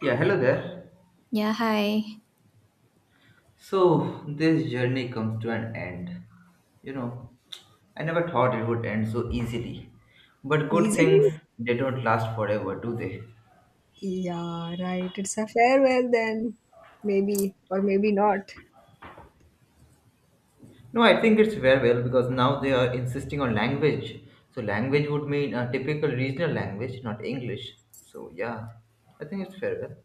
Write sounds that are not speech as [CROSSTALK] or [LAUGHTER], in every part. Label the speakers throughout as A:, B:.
A: Yeah, hello there.
B: Yeah, hi.
A: So, this journey comes to an end. You know, I never thought it would end so easily. But good
C: Easily?
A: things, they don't last forever, do they?
C: Yeah, right. It's a farewell then. Maybe, or maybe not.
A: No, I think it's very well because now they are insisting on language. So, language would mean a typical regional language, not English. So, yeah, I think it's very well.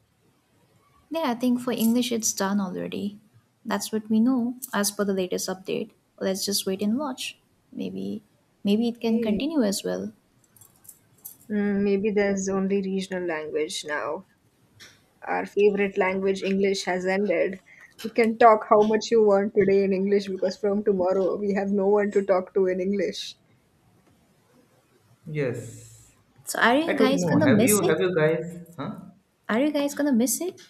B: Yeah, I think for English it's done already. That's what we know as per the latest update. Let's just wait and watch. Maybe maybe it can
C: Okay.
B: continue as well.
C: Mm, maybe there's only regional language now. Our favorite language, English, has ended. You can talk how much you want today in English because from tomorrow we have no one to talk to in English.
A: Yes.
B: So are
A: I
B: you
A: don't
B: guys
A: know.
B: gonna miss it?
A: Have you guys? Huh?
B: Are you guys gonna miss it?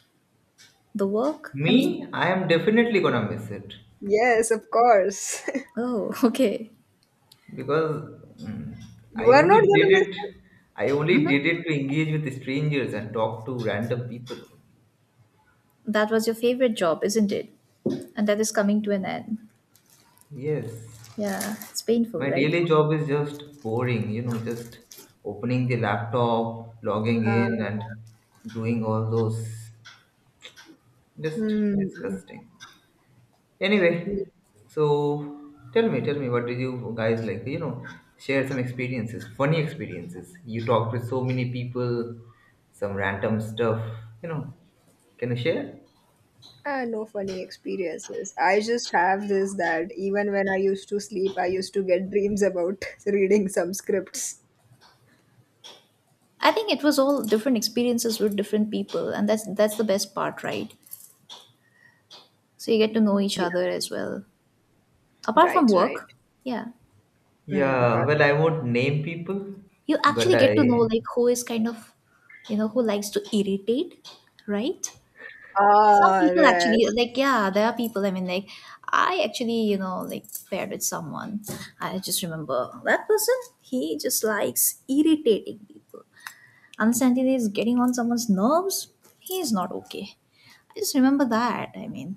B: The work? I mean,
A: Me? I am definitely gonna miss it.
C: Yes, of course. [LAUGHS]
B: oh, [LAUGHS] okay.
A: Because mm,
C: You
A: I
C: are not
A: only did
C: gonna miss
A: it.
C: it.
A: I only
B: Hmm.
A: did it to engage with strangers and talk to random people. Only.
B: That was your favorite job, isn't it? And that is coming to an end.
A: Yes,
B: Yeah, it's painful,
A: my
B: right?
A: daily job is just boring. You know, just opening the laptop, logging
C: Uh,
A: in, and doing all those. Just
C: hmm.
A: disgusting. Anyway, so tell me, what did you guys like? You know, share some experiences, funny experiences. You talked with so many people, some random stuff. You know, can you share?
C: No funny experiences. I just have this that even when I used to sleep, I used to get dreams about [LAUGHS] reading some scripts.
B: I think it was all different experiences with different people, and that's the best part, right? So you get to know each other as well, apart from
C: Right, right.
B: work. Yeah,
C: Mm,
A: Yeah,
C: but
A: well, I won't name people,
B: you
A: but
B: actually get to know
A: I,
B: like who is kind of, you know, who likes to irritate, right? Some
C: ah,
B: people actually
C: rest.
B: like, yeah, there are people, I mean, like, I actually, you know, like paired with someone. I just remember that person. He just likes irritating people. Understand he is getting on someone's nerves. He is not okay. I just remember that, I mean,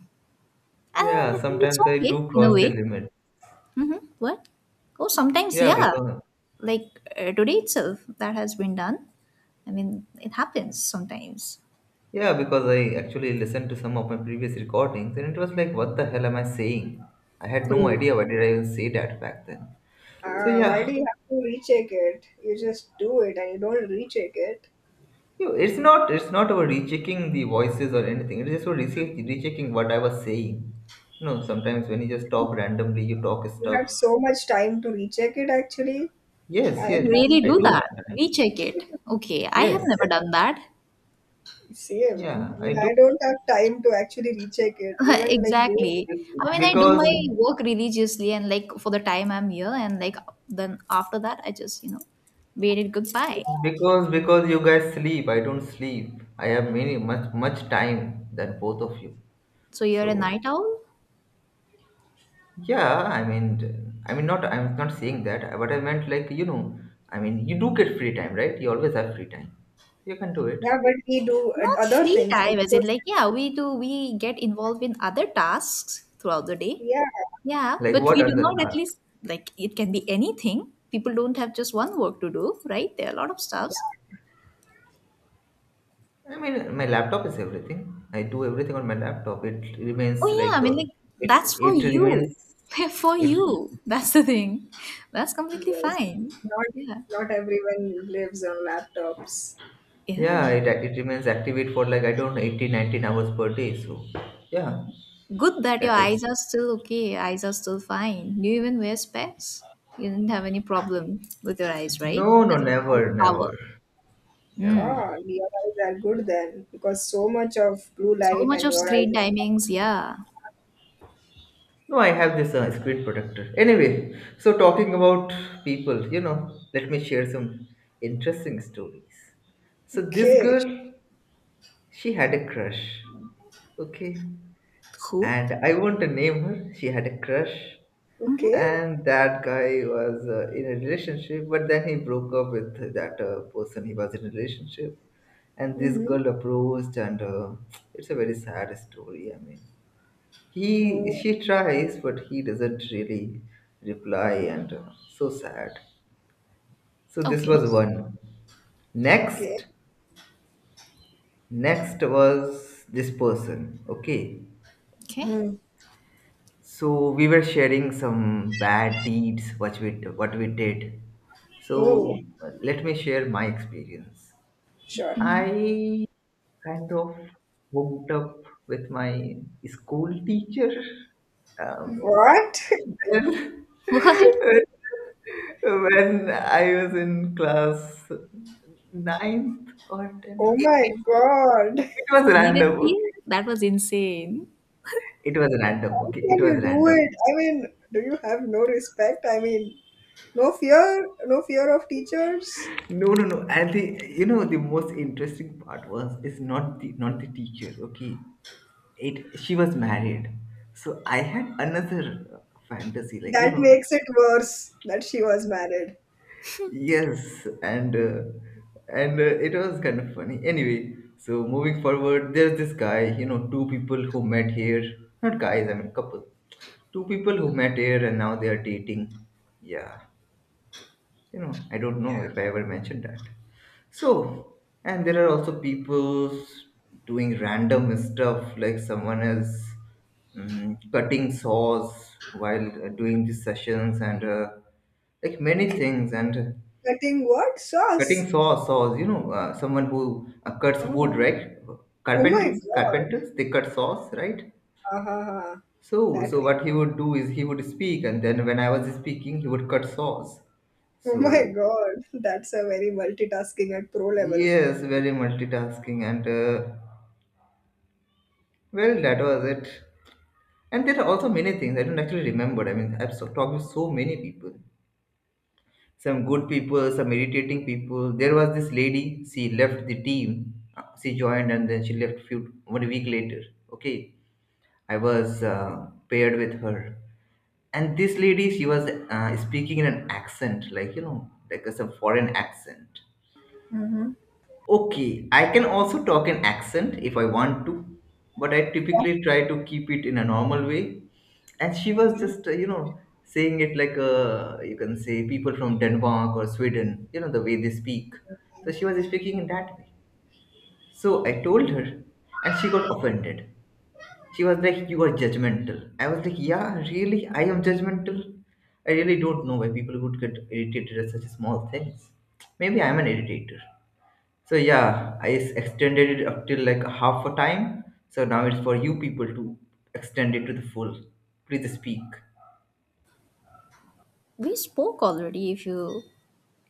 B: and
A: yeah,
B: I think it's
A: sometimes I
B: okay
A: do
B: in a
A: cross the
B: way.
A: limit.
B: Mm-hmm. What? Oh, sometimes,
A: Yeah,
B: yeah,
A: because
B: like today itself that has been done. I mean, it happens sometimes.
A: yeah, because I actually listened to some of my previous recordings and it was like, what the hell am I saying? I had
B: For
A: no
B: you
A: idea why did I even say that back then. So
B: to
C: Ah, Why
A: yeah,
C: do you have to recheck it? You just do it and you don't recheck it.
A: It's not about rechecking the voices or anything. It's just about rechecking what I was saying. You know, sometimes when you just talk randomly, you talk
C: You
A: stuff.
C: have so much time to recheck it. Actually,
A: Yes,
C: I
A: yes,
B: really
C: can't
A: I
B: do
A: do
C: believe.
B: that,
A: have time.
B: recheck it?
C: [LAUGHS]
B: Okay, I have never
A: Yes,
B: done that.
C: Same.
A: yeah,
C: I
A: I
C: mean,
A: do.
C: I don't have time to actually recheck it.
B: [LAUGHS]
C: Even like do.
B: Exactly. I mean, I do
A: Because
B: my work religiously and like for the time I'm here and like then after that I just, you know, waved it goodbye.
A: because you guys sleep, I don't sleep. I have many much much time than both of you.
B: So you're a
A: So
B: night owl.
A: yeah, I mean, not I'm not saying that, but I meant like you know, I mean you do get free time, right? You always have free time. You can do it.
C: Yeah, but we do
B: Not
C: other
B: free
C: things
B: time,
C: like
B: as in, like,
C: social.
B: yeah, we do, we get involved in other tasks throughout the day.
C: Yeah.
B: Yeah,
A: Like,
B: but
A: what
B: we
A: are
B: do
A: the
B: not at
A: tasks?
B: least, like, it can be anything. People don't have just one work to do, right? There are a lot of stuffs.
A: I mean, my laptop is everything. I do everything on my laptop. It remains
B: Oh, yeah, I
A: like
B: mean, like,
A: it.
B: that's for
A: It
B: you.
A: remains
B: [LAUGHS] For
A: it.
B: you. That's the thing. That's completely
C: Yes,
B: fine.
C: not
B: Yeah.
C: not everyone lives on laptops.
A: Yeah,
B: Yeah.
A: it remains activate for like I don't know 18, 19 hours per day. So yeah,
B: Good that your
A: that is
B: eyes are still okay. Eyes are still fine. Do you even wear specs? You didn't have any problem with your eyes, right?
A: no, no,
B: That's
A: never,
B: all the
A: never,
B: power.
A: never.
B: Mm.
C: God, your eyes are good then, because so much of blue
B: So
C: light
B: much
C: and
B: of
C: your eyes
B: screen
C: are
B: timings, yeah.
A: No, I have this screen protector. Anyway, so talking about people, you know, let me share some interesting stories. So this
C: okay.
A: girl, she had a crush. Okay.
B: Who?
A: And I won't name her. She had a crush,
C: Okay.
A: and that guy was in a relationship. But then he broke up with that person he was in a relationship, and this
C: Mm-hmm.
A: girl approached, and it's a very sad story. I mean, he
C: Oh,
A: she tries, but he doesn't really reply, and so sad. So this
B: Okay.
A: was one.
C: okay.
A: Next, next was this person. Okay.
B: Okay.
C: Hmm.
A: So we were sharing some bad deeds what we did.
C: Oh,
A: So let me share my experience.
C: sure.
A: I kind of hooked up with my school teacher. Um,
C: What? [LAUGHS]
A: when,
B: [LAUGHS] What?
A: [LAUGHS] when I was in class ninth or tenth,
C: Oh my God.
A: it was random. Okay?
B: Seriously? That was insane.
A: It was random.
C: How
A: Okay, it
C: can
A: was
C: you do
A: random.
C: it? I mean, do you have no respect? I mean, no fear, no fear of teachers.
A: No, no, no. And the you know the most interesting part was is not the not the teacher. Okay, it she was married, so I had another fantasy like you
C: That
A: know
C: makes it worse that she was married.
A: yes, and it was kind of funny. Anyway, so moving forward, there's this guy. You know, two people who met here. Not guys, I mean couple. Two people who met here and now they are dating. Yeah. You know, I don't know if I ever mentioned that. So and there are also people doing random stuff like someone is cutting saws while doing these sessions and like many things and
C: Cutting what
A: cutting
C: sauce?
A: saws you know someone who cuts wood,
C: Oh.
A: right?
C: Oh my god.
A: Carpenters, they cut saws, right?
C: Ha ha ha.
A: so
C: That
A: so
C: way.
A: what he would do is he would speak and then when I was speaking he would cut saws.
C: Oh my
A: So
C: god. That's a very multitasking at pro level.
A: yes, very multitasking and well, that was it. And there are also many things I don't actually remember. I mean, I've talked with so many people, some good people, some irritating people. There was this lady. She left the team. She joined and then she left few one week later. Okay, I was paired with her, and this lady she was speaking in an accent, like you know, some foreign accent.
C: Mm-hmm.
A: Okay, I can also talk an accent if I want to, but I typically try to keep it in a normal way. And she was just, you know, saying it like you can say people from Denmark or Sweden, you know, the way they speak. So she was speaking in that way. So I told her, and she got offended. She was like, "You are judgmental." I was like, "Yeah, really? I am judgmental." I really don't know why people would get irritated at such small things. Maybe I'm an irritator. So yeah, I extended it up till like half a time. So now it's for you people to extend it to the full. Please speak.
B: We spoke already if you,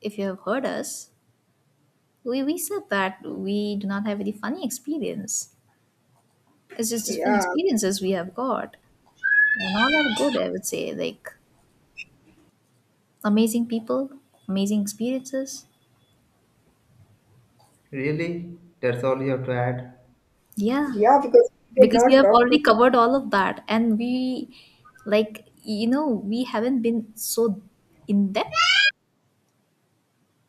B: if you have heard us. We said that we do not have any funny experience. It's just different
C: Yeah.
B: experiences we have got. And all are good, I would say. Like amazing people, amazing experiences.
A: Really? That's all you have to add?
B: Yeah.
C: Yeah, because we did
B: Because we
C: not
B: have
C: talk
B: already
C: to.
B: covered all of that and we, like, you know, we haven't been so in depth,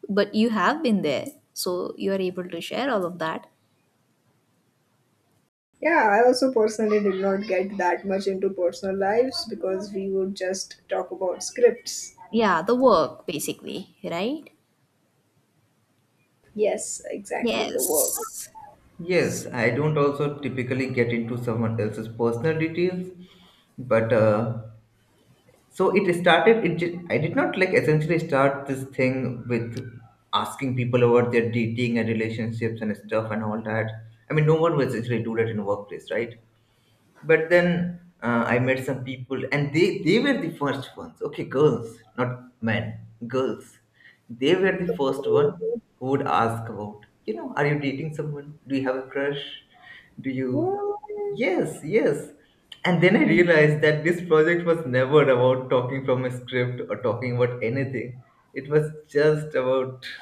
B: but you have been there, so you are able to share all of that.
C: Yeah, I also personally did not get that much into personal lives because we would just talk about scripts.
B: Yeah, the work basically, right?
C: Yes, exactly. The work.
B: Yes.
A: Yes, I don't also typically get into someone else's personal details, but so it started. I did not like essentially start this thing with asking people about their dating and relationships and stuff and all that. I mean, no one would essentially do that in a workplace, right? But then I met some people and they were the first ones. Okay, girls not men. Girls, they were the first one who would ask about, you know, are you dating someone, do you have a crush, do you
C: What?
A: yes. And then I realized that this project was never about talking from a script or talking about anything. It was just about, [LAUGHS]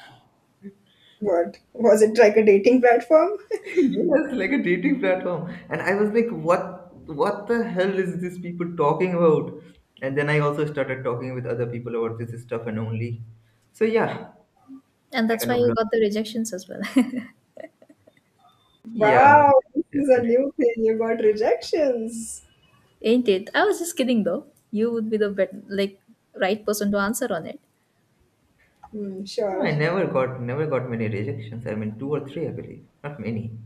C: What? Was it like a dating platform?
A: yes, like a dating platform. And I was like, what the hell is these people talking about? And then I also started talking with other people about this stuff and only. So yeah,
B: And
A: I
B: that's
A: kind
B: why
A: of
B: you
A: learned.
B: got the rejections as well. [LAUGHS]
A: Yeah,
C: Wow, this is a
A: definitely.
C: new thing. You got rejections.
B: Ain't it? I was just kidding though. You would be the like right person to answer on it.
C: Hmm,
A: No,
C: sure.
A: I never got never got many rejections. I mean two or three, I believe. Not many.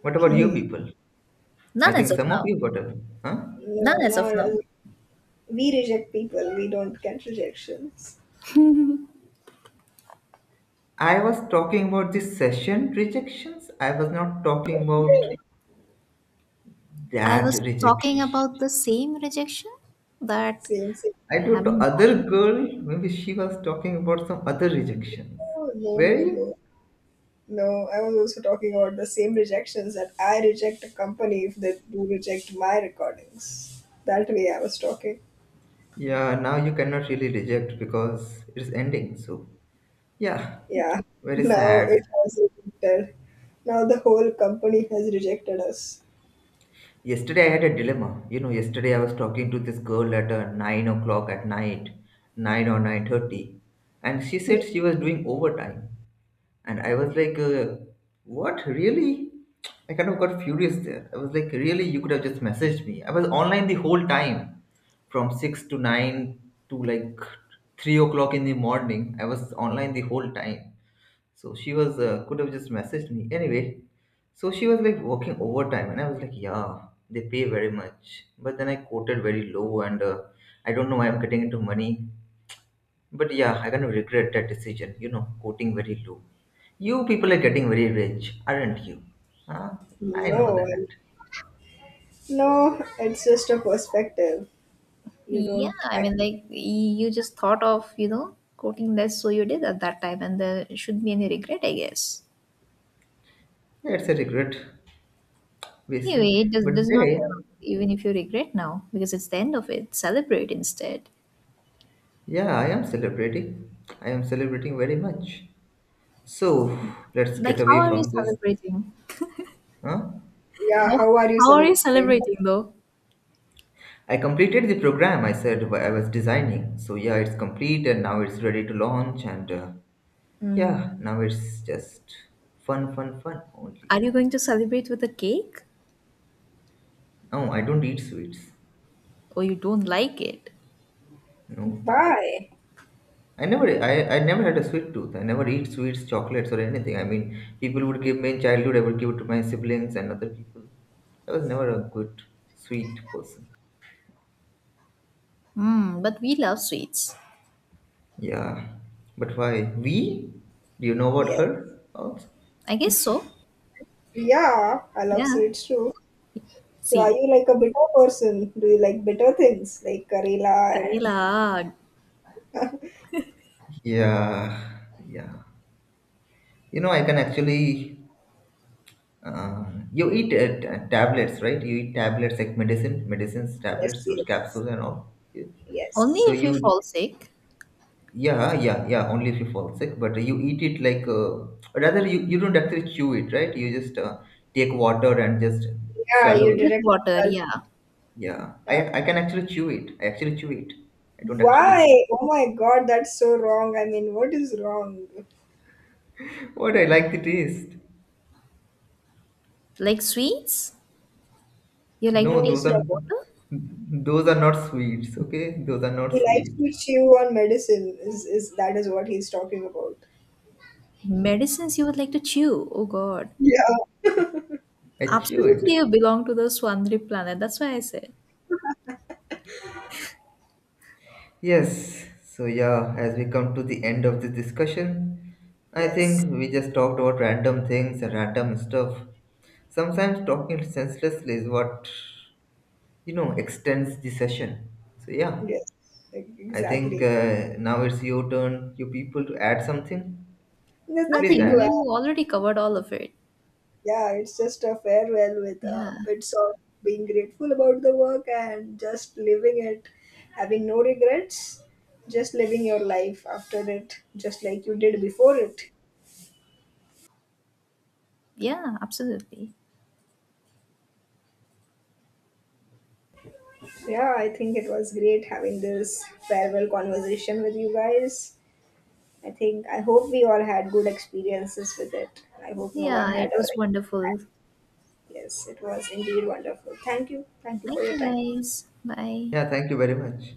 A: What about you
C: Okay.
A: people? I
B: None as
A: think
B: of
A: some of
B: now.
A: you got a huh?
B: None
C: No,
B: as of
C: not
B: now.
C: us. We reject people. We don't get rejections.
A: I was talking about the session rejections. I was not talking about
C: Yeah.
B: I
A: that
B: was
A: rejection.
B: talking about the same rejection, that
C: Same, same.
A: I don't know,
B: haven't
A: other
B: gotten.
A: girl, maybe she was talking about some other rejections.
C: Oh, no, no,
A: Where
C: no. No, I was also talking about the same rejections that I reject a company if they do reject my recordings. That way I was talking.
A: yeah, now you cannot really reject because it's ending. So, yeah,
C: Yeah. [LAUGHS]
A: very
C: Now
A: sad.
C: it has rejected. Now the whole company has rejected us.
A: Yesterday I had a dilemma. You know, yesterday I was talking to this girl at 9 o'clock at night, 9 or 9:30. And she said she was doing overtime. And I was like, "What really?" I kind of got furious there. I was like, "Really? You could have just messaged me." I was online the whole time, from 6 to 9 to like 3 o'clock in the morning. I was online the whole time. So she was could have just messaged me anyway. So she was like working overtime, and I was like, "Yeah, they pay very much." But then I quoted very low, and I don't know why I'm getting into money. But yeah, I kind of regret that decision. You know, quoting very low. You people are getting very rich, aren't you? Huh? I
C: No,
A: know that.
C: i no, it's just a perspective. You
B: Yeah,
C: don't
B: I
C: act.
B: mean, like, you just thought of, you know, quoting less, so you did at that time, and there shouldn't be any regret, I guess.
A: It's a regret, wasted.
B: Anyway, it
A: But
B: does not
A: they,
B: help, even if you regret now, because it's the end of it. Celebrate instead.
A: yeah, I am celebrating. I am celebrating very much. So let's
B: Like,
A: get
B: how
A: away
B: are you
A: from this.
B: celebrating?
A: Huh?
C: Yeah,
B: How,
C: how are you
B: how are you
C: celebrating?
B: celebrating, though?
A: I completed the program. I was designing. So yeah, it's complete, and now it's ready to launch. And yeah, now it's just fun, fun, fun only.
B: Are you going to celebrate with a cake?
A: No, I don't eat sweets.
B: Or you don't like it?
A: No.
C: Bye.
A: I never had a sweet tooth. I never eat sweets, chocolates, or anything. I mean, people would give me in childhood. I would give it to my siblings and other people. I was never a good sweet person.
B: Hmm, but we love sweets.
A: Yeah, but why we? Do you know about
C: Yeah.
A: her also?
B: I guess so.
C: Yeah, I love
B: Yeah.
C: sweets too. So are
B: See,
C: you like a bitter person? Do you like bitter things like Karela and
B: Karela.
A: Yeah, yeah. You know, I can actually. Uh, you eat tablets, right? You eat tablets like medicine, medicines,
C: yes,
A: tablets, those
C: yes,
A: capsules, and all. Yeah.
B: Only
A: So
C: yes.
B: if you
A: you
B: fall sick.
A: yeah, only if you fall sick, but you eat it like rather you don't actually chew it, right? You just take water and just
C: Yeah,
A: swallow
C: you
A: it.
B: With
C: directly
B: water,
C: help.
B: yeah.
A: Yeah,
C: Yeah.
A: I can actually chew it. I actually chew it. I don't actually.
C: Why? Oh my God, that's so wrong. I mean, what is wrong?
A: [LAUGHS] What I like the taste.
B: Like sweets, you like to
A: No,
C: No,
B: take
C: he's
B: with
C: talking.
B: water?
A: those are not sweets. Okay, those are not
C: He likes
A: sweets.
C: to chew on medicine. Is that is what he's talking about?
B: Medicines you would like to chew. Oh, God.
C: Yeah.
A: I chew
B: Absolutely,
A: it.
B: you belong to the Swandri planet. That's why I said
A: Yes, so yeah, as we come to the end of this discussion, I
C: Yes.
A: think we just talked about random things and random stuff. Sometimes talking senselessly is what, you know, extends the session. So yeah,
C: Yes. Like,
A: I think
C: exactly.
A: now it's your turn, you people to add something.
C: There's
A: Please
C: nothing
B: nothing.
C: to.
A: add.
B: You already covered all of it.
C: Yeah, it's just a farewell with
B: Yeah,
C: bits of being grateful about the work and just living it, having no regrets, just living your life after it, just like you did before it.
B: yeah, absolutely.
C: Yeah, I think it was great having this farewell conversation with you guys. I think I hope we all had good experiences with it. I hope no one
B: Yeah, it
C: had a.
B: was wonderful.
C: Yes, it was indeed wonderful. Thank you. Thank you for
B: Thank
C: your
B: you,
C: time.
B: guys. Bye.
A: Yeah, thank you very much.